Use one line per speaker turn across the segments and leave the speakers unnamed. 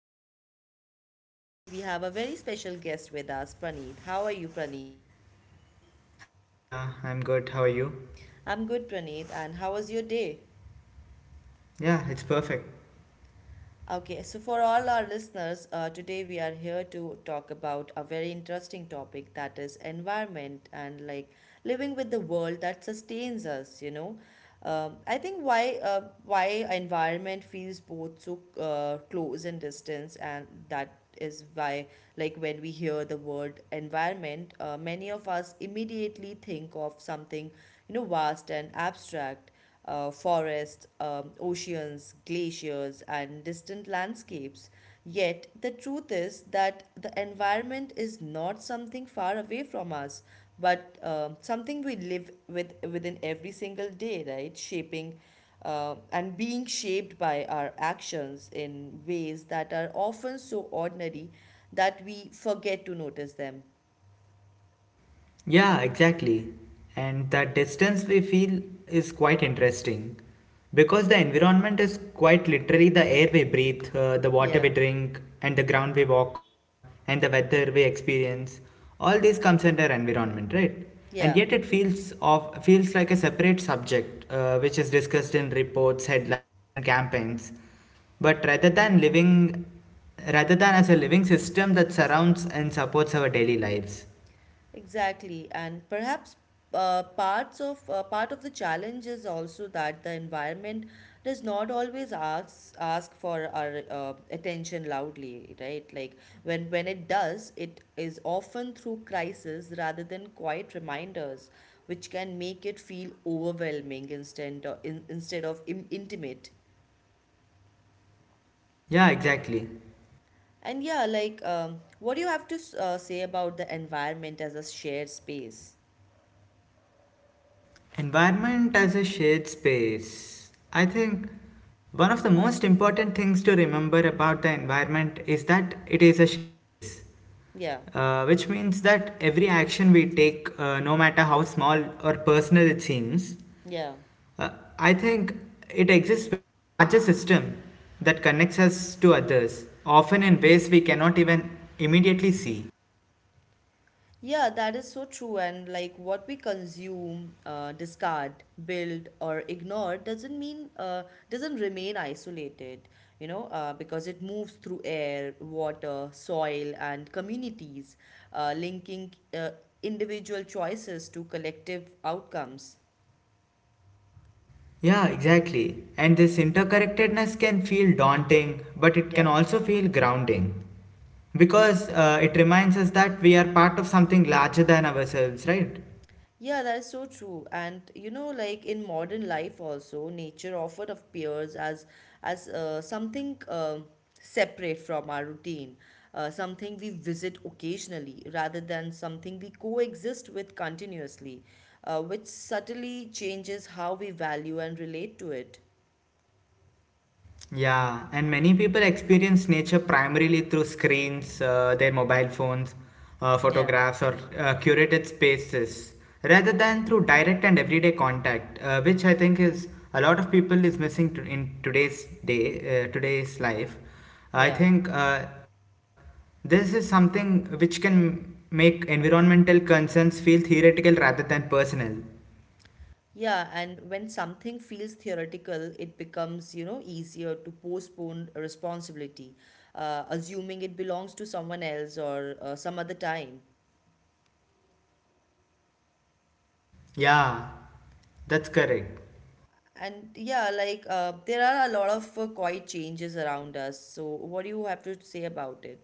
to our podcast. And today we have a very special guest with us, Praneeth. How are you, Praneeth?
Hi Divya, I'm good. How are you?
I'm good, Praneeth. And how was your day?
Yeah, it's perfect.
Okay, so for all our listeners, today we are here to talk about a very interesting topic, that is environment and like living with the world that sustains us, you know. I think why environment feels both so close and distance, and that is why, like, when we hear the word environment, many of us immediately think of something, you know, vast and abstract, forests, oceans, glaciers, and distant landscapes. Yet, the truth is that the environment is not something far away from us, but something we live with within every single day, right? Shaping and being shaped by our actions in ways that are often so ordinary that we forget to notice them.
Yeah, exactly. And that distance we feel is quite interesting because the environment is quite literally the air we breathe, the water we
Yeah,
drink, and the ground we walk on, and the weather we experience. All these comes under environment, right? And
yeah.
yet it feels of feels like a separate subject, which is discussed in reports, headlines, and campaigns. But rather than living, rather than as a living system that surrounds and supports our daily lives.
Exactly, and perhaps part of the challenge is also that the environment does not always ask for our attention loudly, right? Like when it does, it is often through crisis rather than quiet reminders, which can make it feel overwhelming instead of intimate.
Yeah, exactly.
And yeah, like what do you have to say about the environment as a shared space?
Environment as a shared space. I think one of the most important things to remember about the environment is that it is a shared space,
Yeah,
which means that every action we take, no matter how small or personal it seems,
yeah.
uh, I think it exists within a larger system that connects us to others, often in ways we cannot even immediately see.
Yeah, that is so true. And like what we consume, discard, build, or ignore doesn't mean doesn't remain isolated, you know, because it moves through air, water, soil, and communities, linking individual choices to collective outcomes.
Yeah, exactly. And this interconnectedness can feel daunting, but it can
Yeah.
also feel grounding. Because it reminds us that we are part of something larger than ourselves, right?
Yeah, that is so true. And you know, like in modern life also, nature often appears as something separate from our routine, something we visit occasionally rather than something we coexist with continuously, which subtly changes how we value and relate to it.
Yeah, and many people experience nature primarily through screens, their mobile phones,
Yeah,
photographs, or curated spaces, rather than through direct and everyday contact, which I think is a lot of people is missing to, in today's day, today's life. I
yeah.
think this is something which can make environmental concerns feel theoretical rather than personal.
Yeah, and when something feels theoretical, it becomes, you know, easier to postpone responsibility, assuming it belongs to someone else or some other time.
Yeah, that's correct.
And yeah, like there are a lot of quiet changes around us. So, what do you have to say about it?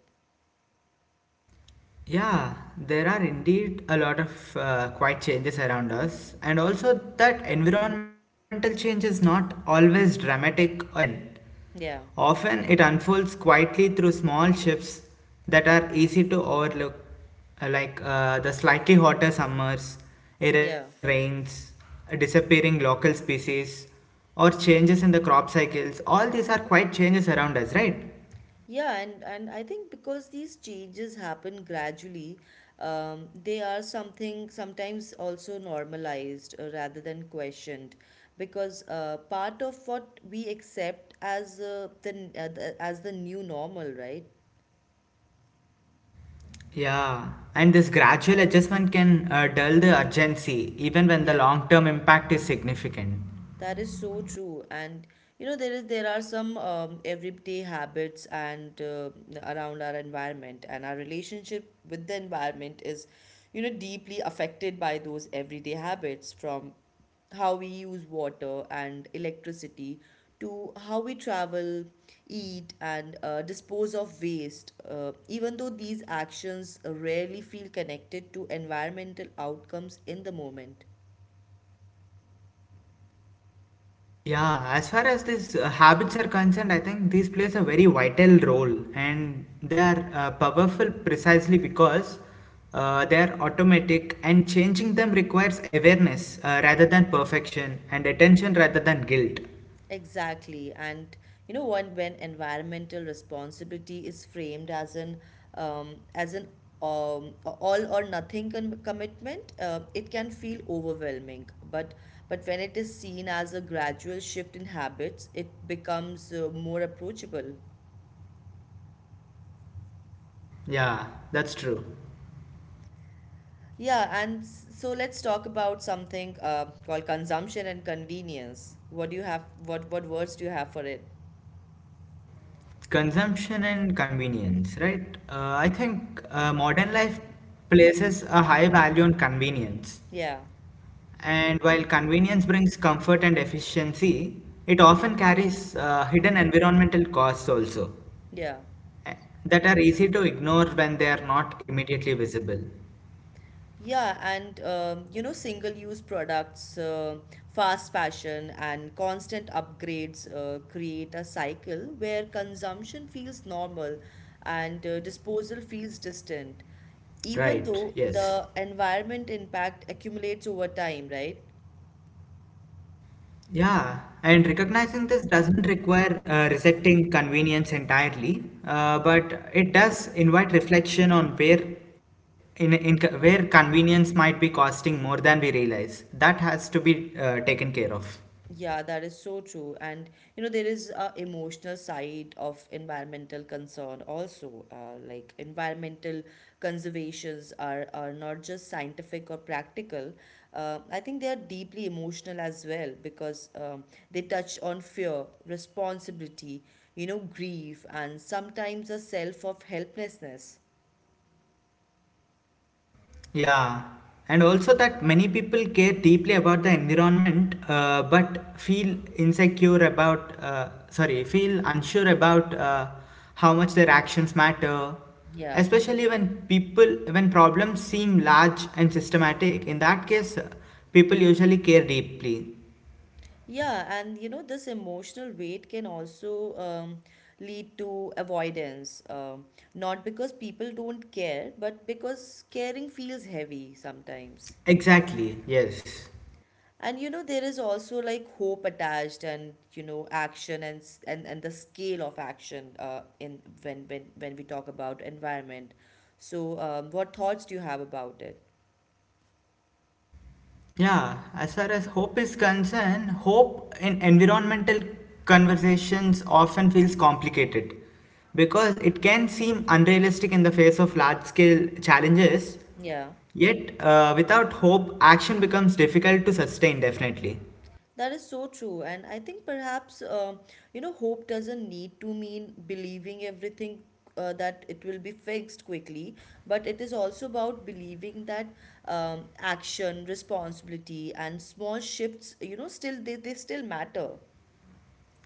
Yeah, there are indeed a lot of quiet changes around us, and also that environmental change is not always dramatic or sudden.
Yeah,
Often it unfolds quietly through small shifts that are easy to overlook, like the slightly hotter summers,
yeah.
irregular rains, disappearing local species, or changes in the crop cycles. All these are quiet changes around us, right?
Yeah, and I think because these changes happen gradually, they are something sometimes also normalized rather than questioned. Because part of what we accept as the as the new normal, right?
Yeah, and this gradual adjustment can dull the urgency even when the
Yeah.
long term impact is significant.
That is so true, and you know, there are some everyday habits and around our environment, and our relationship with the environment is, you know, deeply affected by those everyday habits, from how we use water and electricity to how we travel, eat, and dispose of waste. Even though these actions rarely feel connected to environmental outcomes in the moment.
Yeah, as far as these habits are concerned, I think these plays a very vital role and they are powerful precisely because they are automatic and changing them requires awareness rather than perfection and attention rather than guilt.
Exactly. And you know what, when environmental responsibility is framed as an all or nothing commitment, it can feel overwhelming. But when it is seen as a gradual shift in habits, it becomes more approachable.
Yeah, that's true.
Yeah, and so let's talk about something called consumption and convenience. What do you have? What words do you have for it?
Consumption and convenience, right? I think modern life places a high value on convenience.
Yeah,
And while convenience brings comfort and efficiency, it often carries hidden environmental costs also
yeah.
eh, that are easy to ignore when they are not immediately visible.
Yeah, and you know, single-use products, fast fashion, and constant upgrades create a cycle where consumption feels normal and disposal feels distant, even
Right,
though
yes.
the environment impact accumulates over time, right?
Yeah, and recognizing this doesn't require rejecting convenience entirely, but it does invite reflection on where in where convenience might be costing more than we realize. That has to be taken care of.
Yeah, that is so true. And you know, there is a emotional side of environmental concern also. Like environmental conservations are not just scientific or practical. I think they are deeply emotional as well because they touch on fear, responsibility, you know, grief, and sometimes a self of helplessness.
Yeah, and also that many people care deeply about the environment, but feel insecure about, feel unsure about how much their actions matter.
Yeah.
Especially when people, when problems seem large and systematic, in that case, people usually care deeply.
Yeah, and you know, this emotional weight can also lead to avoidance. Not because people don't care, but because caring feels heavy sometimes.
Exactly, yes.
And you know, there is also like hope attached, and you know, action and and the scale of action. In when we talk about environment, so what thoughts do you have about it?
Yeah, as far as hope is concerned, hope in environmental conversations often feels complicated because it can seem unrealistic in the face of large scale challenges.
Yeah.
Yet, without hope, action becomes difficult to sustain, definitely.
That is so true. And I think perhaps, you know, hope doesn't need to mean believing everything that it will be fixed quickly, but it is also about believing that action, responsibility, and small shifts, you know, they still matter.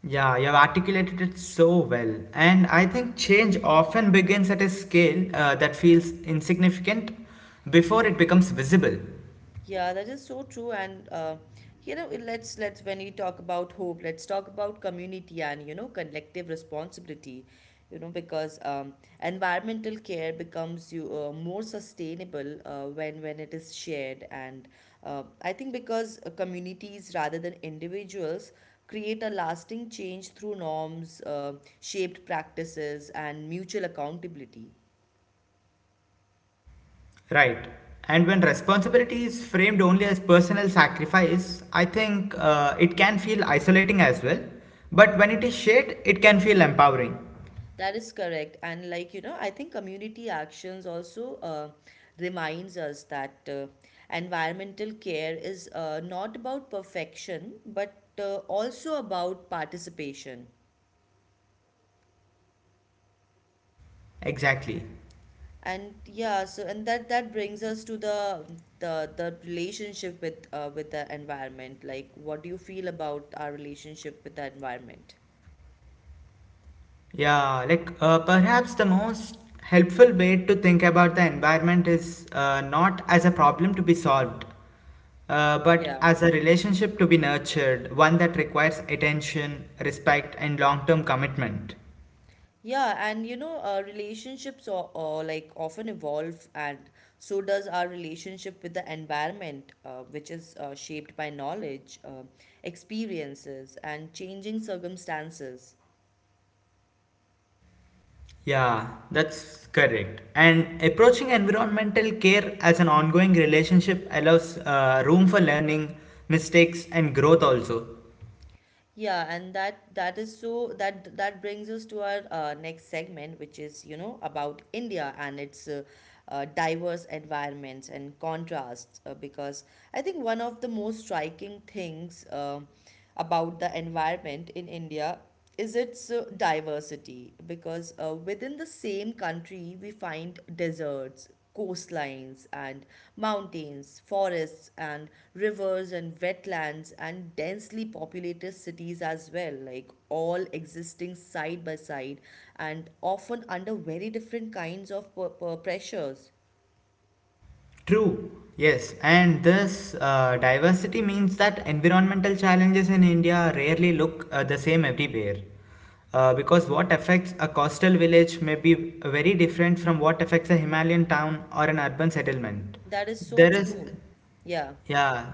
Yeah, you have articulated it so well. And I think change often begins at a scale that feels insignificant before it becomes visible.
Yeah, that is so true. And you know, let's when we talk about hope, let's talk about community and, you know, collective responsibility. You know, because environmental care becomes you more sustainable when it is shared, and I think because communities rather than individuals create a lasting change through norms, shaped practices, and mutual accountability.
Right. And when responsibility is framed only as personal sacrifice, I think it can feel isolating as well. But when it is shared, it can feel empowering.
That is correct. And like, you know, I think community actions also reminds us that environmental care is not about perfection, but also about participation.
Exactly.
And yeah, so and that brings us to the relationship with the environment. Like, what do you feel about our relationship with the environment?
Perhaps the most helpful way to think about the environment is not as a problem to be solved, but
Yeah.
as a relationship to be nurtured, one that requires attention, respect, and long term commitment.
Yeah, and you know, relationships are like often evolve, and so does our relationship with the environment, which is shaped by knowledge, experiences, and changing circumstances.
Yeah, that's correct. And approaching environmental care as an ongoing relationship allows room for learning, mistakes, and growth also.
Yeah, and that that is so that that brings us to our next segment, which is, you know, about India and its diverse environments and contrasts, because I think one of the most striking things, about the environment in India, is its diversity, because within the same country we find deserts, coastlines, and mountains, forests and rivers and wetlands, and densely populated cities as well, like all existing side by side and often under very different kinds of pressures.
True, yes. And this diversity means that environmental challenges in India rarely look the same everywhere. Because what affects a coastal village may be very different from what affects a Himalayan town or an urban settlement.
That is so
There is,
true. Yeah,
yeah.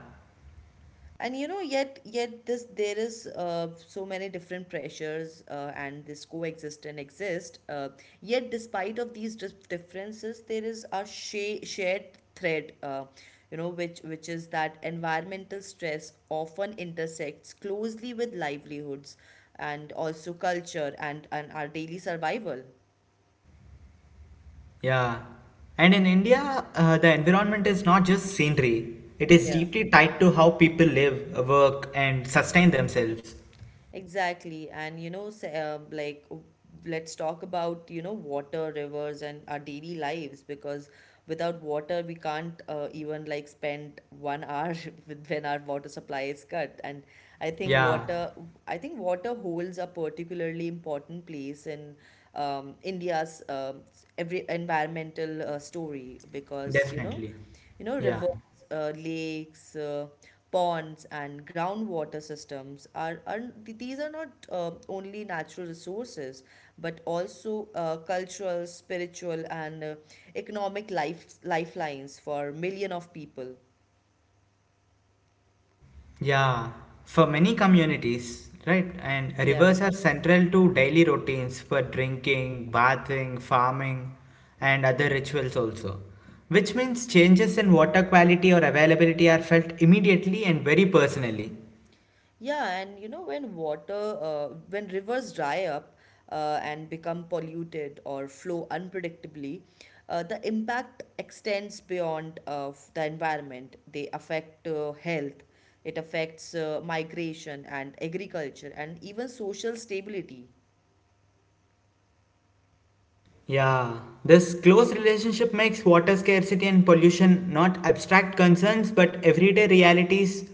and you know, yet this, there is so many different pressures and this coexist and exist, yet despite of these differences, there is a shared thread, you know, which is that environmental stress often intersects closely with livelihoods, and also culture, and our daily survival.
Yeah. And in India, the environment is not just scenery, it is
Yeah.
deeply tied to how people live, work, and sustain themselves.
Exactly. And you know, say, let's talk about, you know, water, rivers, and our daily lives, because without water, we can't even like spend 1 hour with when our water supply is cut. And I think
Yeah,
water, I think water holds a particularly important place in India's every environmental story because,
definitely.
you know,
Yeah.
rivers, lakes, ponds, and groundwater systems are, these are not only natural resources, but also cultural, spiritual, and economic lifelines for million of people.
Yeah. For many communities, right, and
Yeah.
rivers are central to daily routines for drinking, bathing, farming, and other rituals also. Which means changes in water quality or availability are felt immediately and very personally.
Yeah, and you know, when rivers dry up and become polluted or flow unpredictably, the impact extends beyond the environment. They affect health, it affects migration and agriculture, and even social stability.
Yeah, this close relationship makes water scarcity and pollution not abstract concerns but everyday realities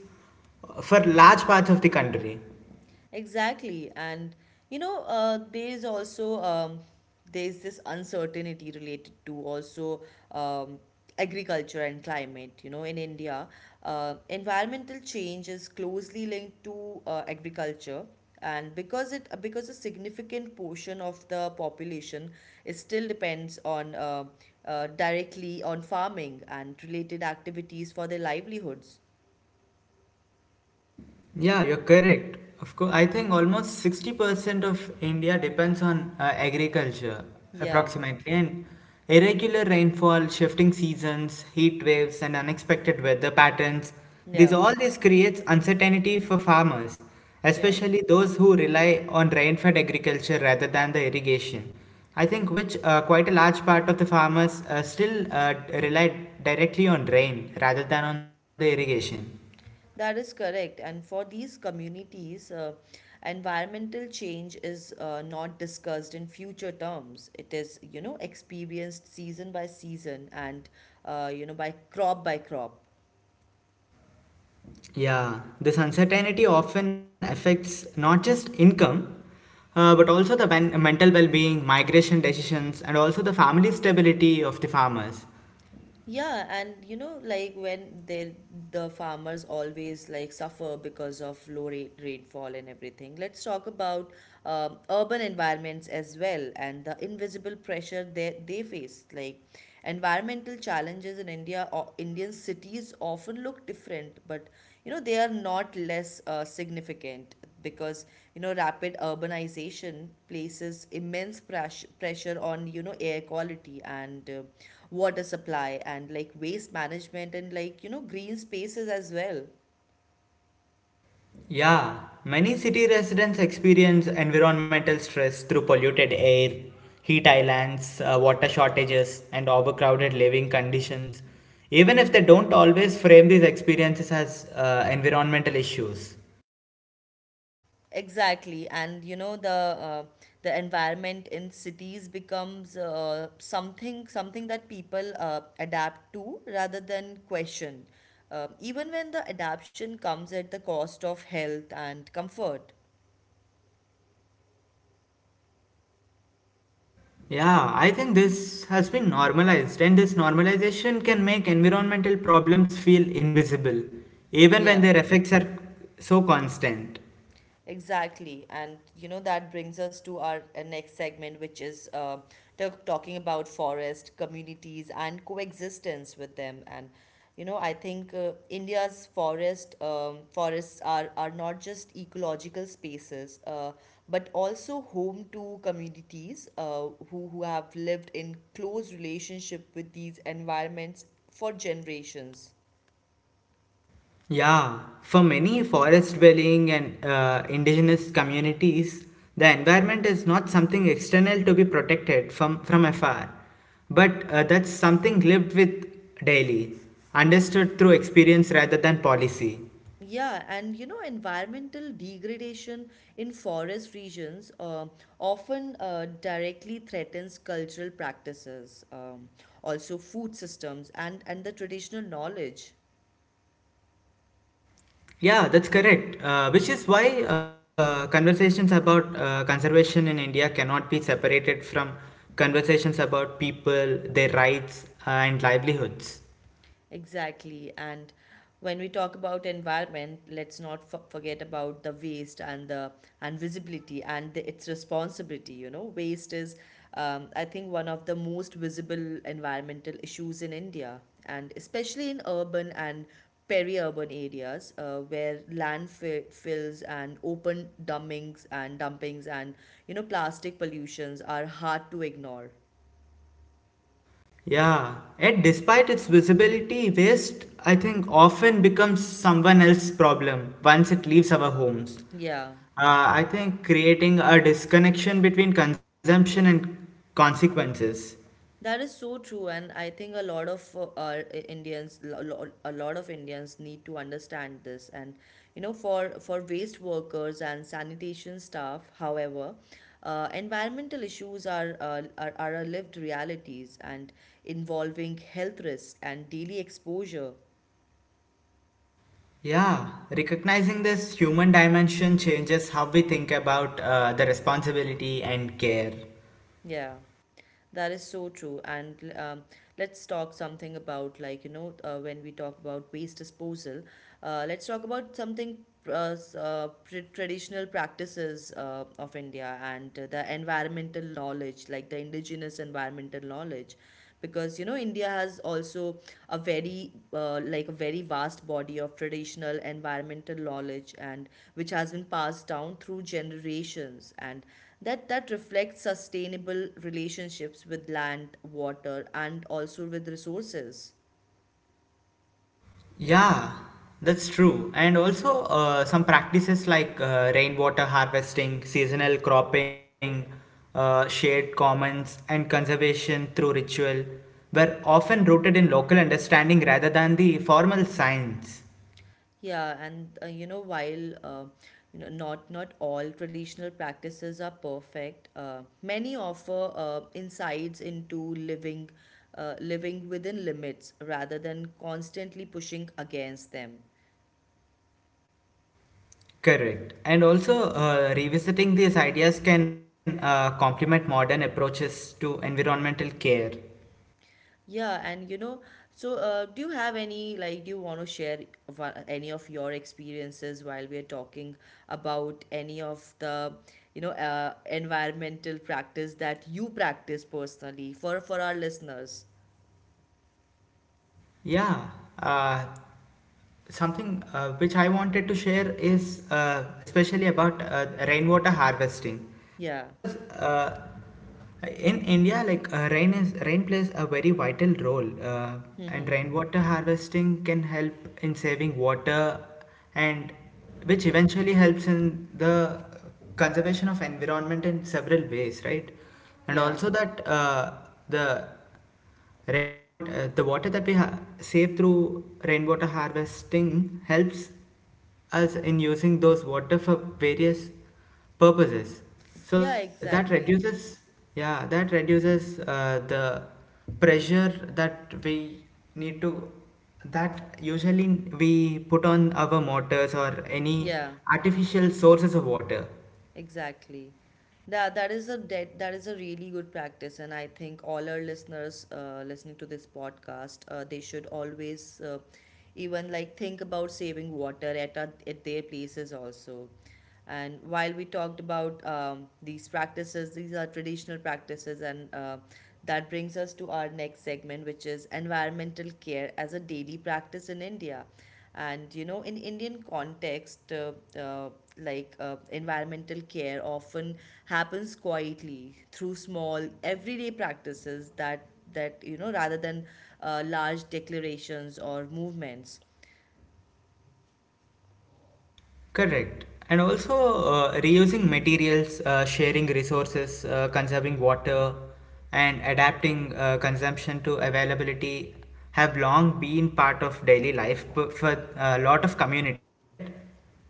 for large parts of the country.
Exactly. And you know, there is also there's this uncertainty related to also um, agriculture and climate. You know, in India, environmental change is closely linked to agriculture. And because it because a significant portion of the population is still depends on directly on farming and related activities for their livelihoods.
Yeah, you're correct. Of course, I think almost 60% of India depends on agriculture,
Yeah,
approximately. And irregular rainfall, shifting seasons, heat waves, and unexpected weather patterns, this
yeah,
all this creates uncertainty for farmers,
yeah.
especially those who rely on rain-fed agriculture rather than the irrigation. I think which quite a large part of the farmers still rely directly on rain rather than on the irrigation.
That is correct. And for these communities, environmental change is not discussed in future terms. It is, you know, experienced season by season, and, you know, by crop by crop.
Yeah, this uncertainty often affects not just income, but also the mental well being, migration decisions, and also the family stability of the farmers.
Yeah, and you know, like, when they, the farmers always like suffer because of low rate rainfall and everything. Let's talk about urban environments as well, and the invisible pressure that they face. Like, environmental challenges in India, or Indian cities, often look different, but, you know, they are not less significant, because, you know, rapid urbanization places immense pressure on, you know, air quality and water supply, and like waste management, and, like, you know, green spaces as well.
Yeah, many city residents experience environmental stress through polluted air, heat islands, water shortages, and overcrowded living conditions, even if they don't always frame these experiences as environmental issues.
Exactly. And you know, the environment in cities becomes something that people adapt to rather than question, even when the adaptation comes at the cost of health and comfort.
Yeah, I think this has been normalized, and this normalization can make environmental problems feel invisible, even when
Yeah.
their effects are so constant.
Exactly. And you know, that brings us to our next segment, which is talking about forest communities and coexistence with them. And you know, I think India's forests are not just ecological spaces, but also home to communities who have lived in close relationship with these environments for generations.
Yeah, for many forest dwelling and indigenous communities, the environment is not something external to be protected from afar, but that's something lived with daily, understood through experience rather than policy.
Yeah, and you know, environmental degradation in forest regions often directly threatens cultural practices, also food systems, and the traditional knowledge.
Yeah, that's correct. Which is why conversations about conservation in India cannot be separated from conversations about people, their rights, and livelihoods.
Exactly. And when we talk about environment, let's not forget about the waste and the and visibility and its responsibility. You know, waste is, I think, one of the most visible environmental issues in India, and especially in urban and peri-urban areas where landfills and open dumpings and plastic pollutions are hard to ignore.
Yeah, and despite its visibility, waste, I think, often becomes someone else's problem once it leaves our homes.
Yeah.
I think creating a disconnection between consumption and consequences.
That is so true, and I think a lot of our Indians, lo- lo- a lot of Indians need to understand this. And you know, for waste workers and sanitation staff, however, environmental issues are a lived realities and involving health risks and daily exposure.
Yeah, recognizing this human dimension changes how we think about the responsibility and care.
Yeah. That is so true. And Let's talk something about, like, when we talk about waste disposal, let's talk about something traditional practices of India and the environmental knowledge, like the indigenous environmental knowledge. Because, you know, India has also a very, like, a very vast body of traditional environmental knowledge and which has been passed down through generations. And that reflects sustainable relationships with land water and also with resources.
Yeah, that's true. And also, some practices like rainwater harvesting, seasonal cropping, shared commons, and conservation through ritual were often rooted in local understanding rather than the formal science.
Yeah. And you know while you know not all traditional practices are perfect. Many offer insights into living living within limits rather than constantly pushing against them.
Correct. And also, revisiting these ideas can complement modern approaches to environmental care.
Yeah, and you know, so do you have any like do you want to share one, any of your experiences while we are talking about any of the environmental practice that you practice personally for our listeners?
Yeah, uh, something which I wanted to share is especially about rainwater harvesting,
Yeah.
because in India, like rain plays a very vital role, and
Mm-hmm.
rainwater harvesting can help in saving water, and which eventually helps in the conservation of environment in several ways, right? And
Yeah.
also that the Rainwater, the water that we save through rainwater harvesting helps us in using those water for various purposes. So
Yeah,
that
exactly.
reduces, yeah, that reduces the pressure that we need to that usually we put on our motors or any
Yeah.
artificial sources of water.
Exactly. That is a really good practice, and I think all our listeners listening to this podcast, they should always even like think about saving water at at their places also. And while we talked about these practices, these are traditional practices, and that brings us to our next segment, which is environmental care as a daily practice in India. And you know, in Indian context, uh, like, environmental care often happens quietly through small everyday practices that that you know rather than large declarations or movements.
Correct. And also reusing materials, sharing resources, conserving water, and adapting consumption to availability have long been part of daily life for a lot of communities, right?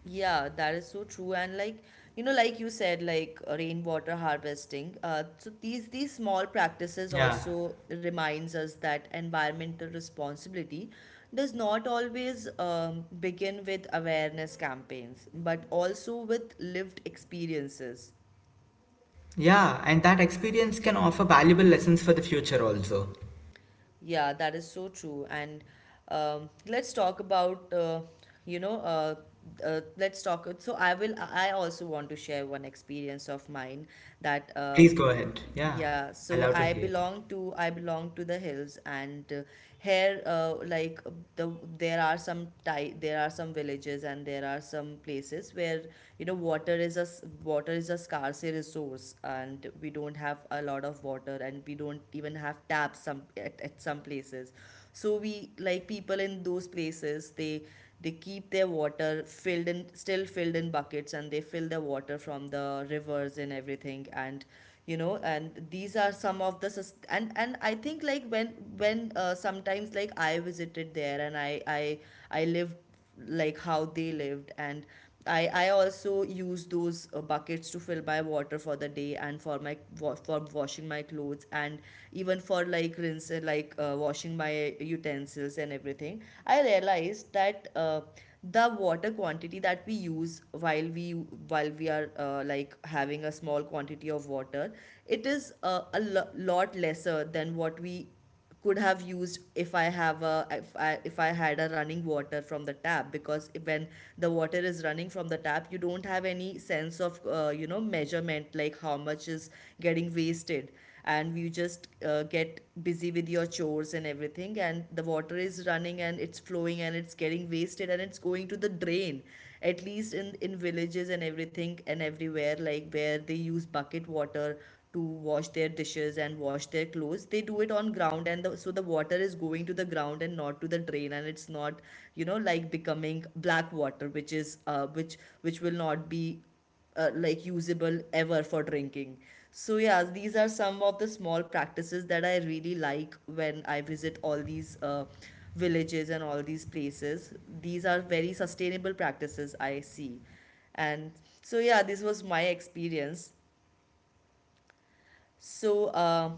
Yeah, that is so true. And like, you know, like you said, like, rainwater harvesting. So these small practices
Yeah.
also reminds us that environmental responsibility does not always begin with awareness campaigns, but also with lived experiences.
Yeah, and that experience can offer valuable lessons for the future also.
Yeah, that is so true. And Let's talk about, you know, uh, let's talk. So I will. I also want to share one experience of mine that,
Please go ahead. Yeah,
yeah.
I
So
love to hear.
I belong to the hills, and here like the there are some villages and there are some places where you know water water is a scarce resource and we don't have a lot of water and we don't even have taps some at some places. So we like people in those places they keep their water filled in still filled in buckets and they fill the water from the rivers and everything. And you know, and these are some of the and I think like when sometimes like I visited there and I lived like how they lived. And I also use those buckets to fill my water for the day and for for washing my clothes and even for like rinse washing my utensils and everything. I realized that the water quantity that we use while we are like having a small quantity of water, it is lot lesser than what we could have used if I have a if I had a running water from the tap. Because when the water is running from the tap, you don't have any sense of measurement, like how much is getting wasted. And you just get busy with your chores and everything and the water is running and it's flowing and it's getting wasted and it's going to the drain. At least in villages and everything and everywhere like where they use bucket water to wash their dishes and wash their clothes, they do it on ground and so the water is going to the ground and not to the drain and it's not you know like becoming black water which is which will not be like usable ever for drinking. So yeah, these are some of the small practices that I really like when I visit all these villages and all these places. These are very sustainable practices I see. And so yeah, this was my experience. So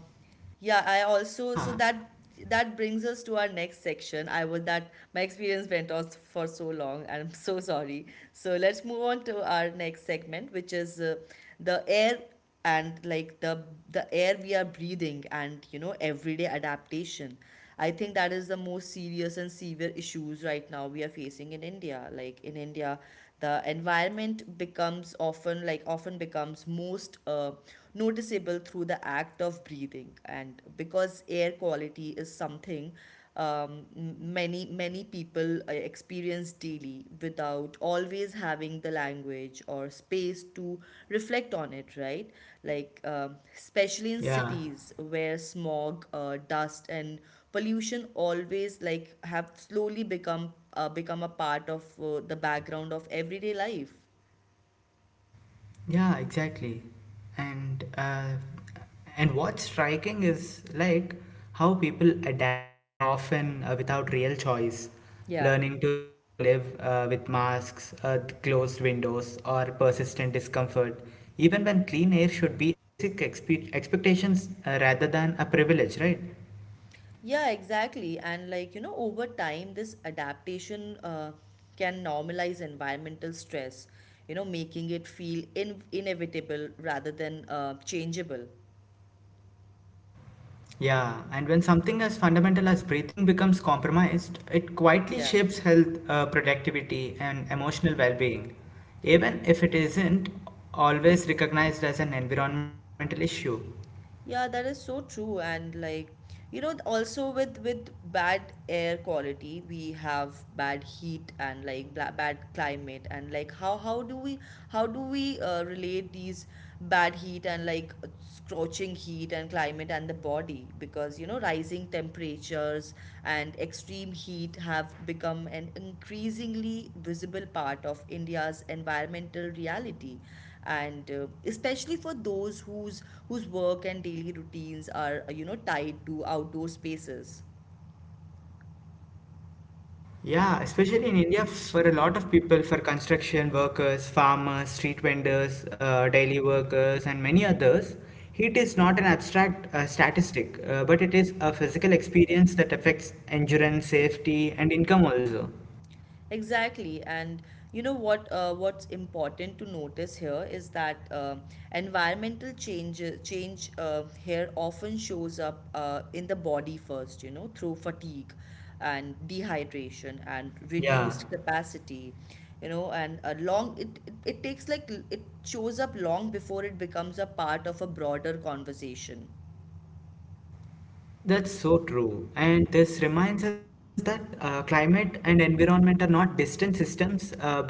yeah, I also so
Yeah,
that that brings us to our next section. I would that my experience went on for so long, and I'm so sorry. So let's move on to our next segment, which is the air and like the air we are breathing and you know everyday adaptation. I think that is the most serious and severe issues right now we are facing in India. Like in India, the environment becomes often becomes most noticeable through the act of breathing. And because air quality is something many many people experience daily without always having the language or space to reflect on it, right? Like, um, especially in
yeah.
cities where smog, dust and pollution always like have slowly become become a part of the background of everyday life.
Yeah, exactly. And uh, and what's striking is like how people adapt often without real choice,
Yeah.
learning to live with masks, closed windows, or persistent discomfort, even when clean air should be a basic expectations rather than a privilege, right?
Yeah, exactly. And like you know, over time this adaptation can normalize environmental stress, you know, making it feel inevitable rather than changeable.
Yeah, and when something as fundamental as breathing becomes compromised, it quietly
Yeah.
shapes health, productivity, and emotional well being, even if it isn't always recognized as an environmental issue.
Yeah, that is so true. And like, you know, also with bad air quality, we have bad heat and like bad climate. And like, how how do we relate these bad heat and like scorching heat and climate and the body? Because you know, rising temperatures and extreme heat have become an increasingly visible part of India's environmental reality. And especially for those whose work and daily routines are tied to outdoor spaces.
Yeah, especially in India, for a lot of people, for construction workers, farmers, street vendors, daily workers, and many others, heat is not an abstract statistic, but it is a physical experience that affects endurance, safety, and income also.
Exactly, and you know what? What's important to notice here is that environmental change here often shows up in the body first. You know, through fatigue, and dehydration, and
Yeah.
reduced capacity. You know, and a long it takes, like, it shows up long before it becomes a part of a broader conversation.
That's so true. And this reminds us that climate and environment are not distant systems, but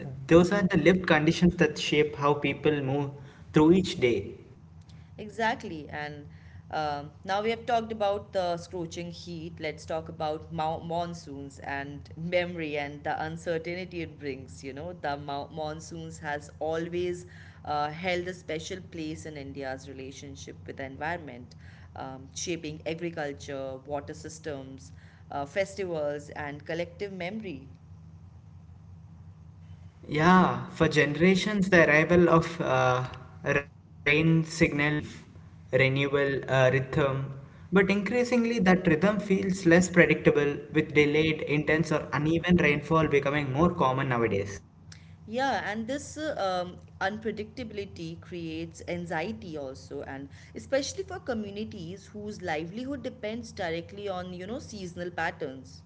those are the lived conditions that shape how people move through each day.
Exactly. And Now we have talked about the scorching heat. Let's talk about monsoons and memory and the uncertainty it brings. You know, the monsoons has always held a special place in India's relationship with the environment, shaping agriculture, water systems, festivals, and collective memory.
Yeah, for generations, the arrival of rain signaled relief, renewal, rhythm, but increasingly that rhythm feels less predictable with delayed, intense, or uneven rainfall becoming more common nowadays.
Yeah, and this unpredictability creates anxiety also, and especially for communities whose livelihood depends directly on, you know, seasonal patterns.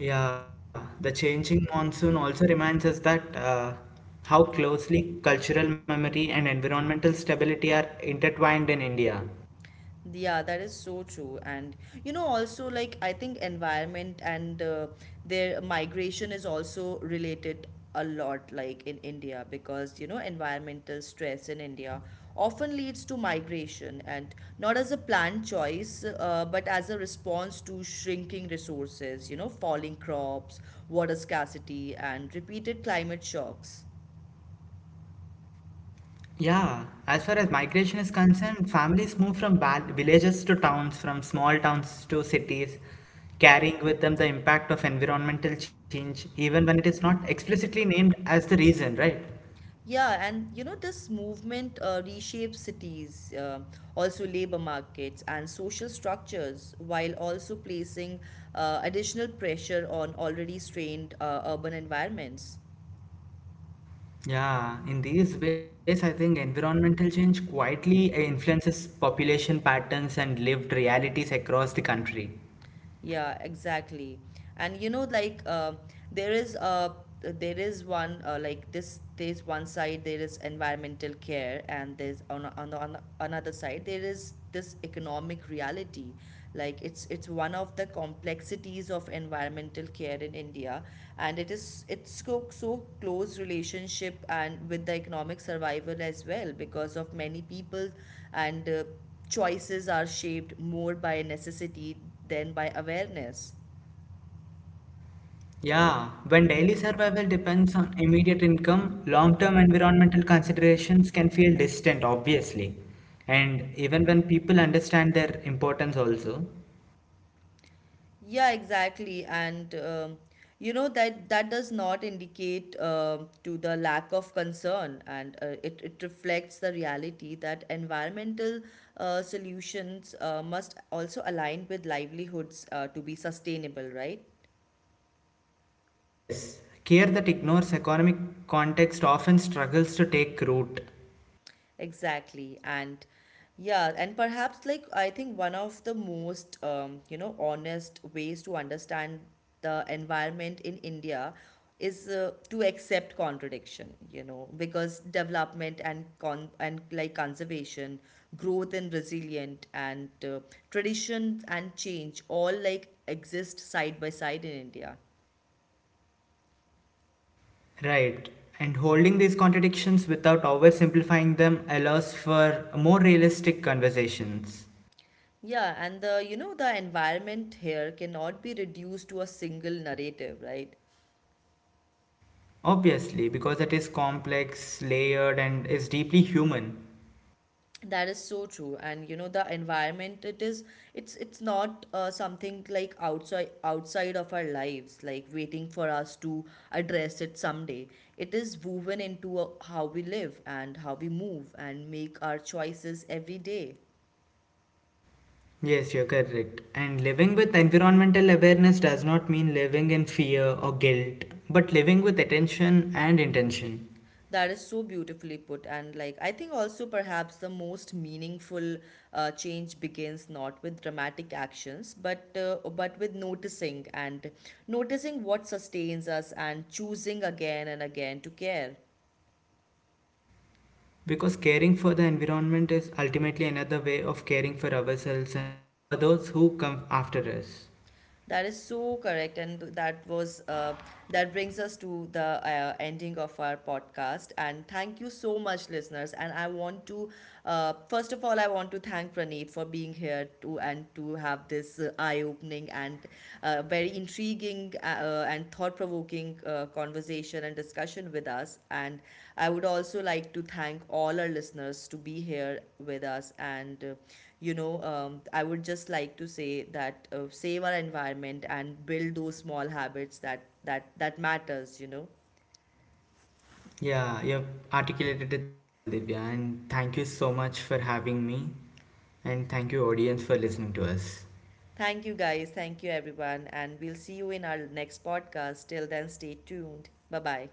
Yeah, the changing monsoon also reminds us that how closely cultural memory and environmental stability are intertwined in India.
Yeah, that is so true. And you know, also like I think environment and their migration is also related a lot, like in India. Because you know, environmental stress in India often leads to migration, and not as a planned choice, but as a response to shrinking resources, you know, falling crops, water scarcity, and repeated climate shocks.
Yeah, as far as migration is concerned, families move from villages to towns, from small towns to cities, carrying with them the impact of environmental change, even when it is not explicitly named as the reason, right?
Yeah, and you know, this movement reshapes cities, also labor markets and social structures, while also placing additional pressure on already strained urban environments.
Yeah, in these ways, I think environmental change quietly influences population patterns and lived realities across the country.
Yeah, exactly. And you know, like, there is uh, there is one like this. There's one side there is environmental care, and there's on another side there is this economic reality. Like it's one of the complexities of environmental care in India, and it is it's so so close relationship and with the economic survival as well. Because of many people and choices are shaped more by necessity than by awareness.
Yeah, when daily survival depends on immediate income, long term environmental considerations can feel distant, obviously. And even when people understand their importance, also.
Yeah, exactly. and You know, that does not indicate to the lack of concern. And it reflects the reality that environmental solutions must also align with livelihoods to be sustainable, right?
Yes, care that ignores economic context often struggles to take root.
Exactly. And yeah, and perhaps like I think one of the most honest ways to understand the environment in India is to accept contradiction. You know, because development and like conservation, growth and resilient, and tradition and change all like exist side by side in India.
Right. And holding these contradictions without oversimplifying them allows for more realistic conversations.
Yeah, and the you know the environment here cannot be reduced to a single narrative, right?
Obviously, because it is complex, layered, and is deeply human.
That is so true. And you know, the environment it is, it's not something like outside outside of our lives, like waiting for us to address it someday. It is woven into how we live and how we move and make our choices every day.
Yes, you're correct. And living with environmental awareness does not mean living in fear or guilt, but living with attention and intention.
That is so beautifully put. And like, I think also perhaps the most meaningful change begins not with dramatic actions, but but with noticing and noticing what sustains us and choosing again and again to care.
Because caring for the environment is ultimately another way of caring for ourselves and for those who come after us.
That is so correct, and that brings us to the ending of our podcast. And thank you so much, listeners. And I want to, first of all, I want to thank Praneet for being here to and to have this eye-opening and very intriguing and thought-provoking conversation and discussion with us. And I would also like to thank all our listeners to be here with us and I would just like to say that save our environment and build those small habits that matters, you know.
Yeah, you've articulated it so well, Divya, and thank you so much for having me, and thank you, audience, for listening to us.
Thank you guys, thank you everyone, and we'll see you in our next podcast. Till then, stay tuned. Bye bye.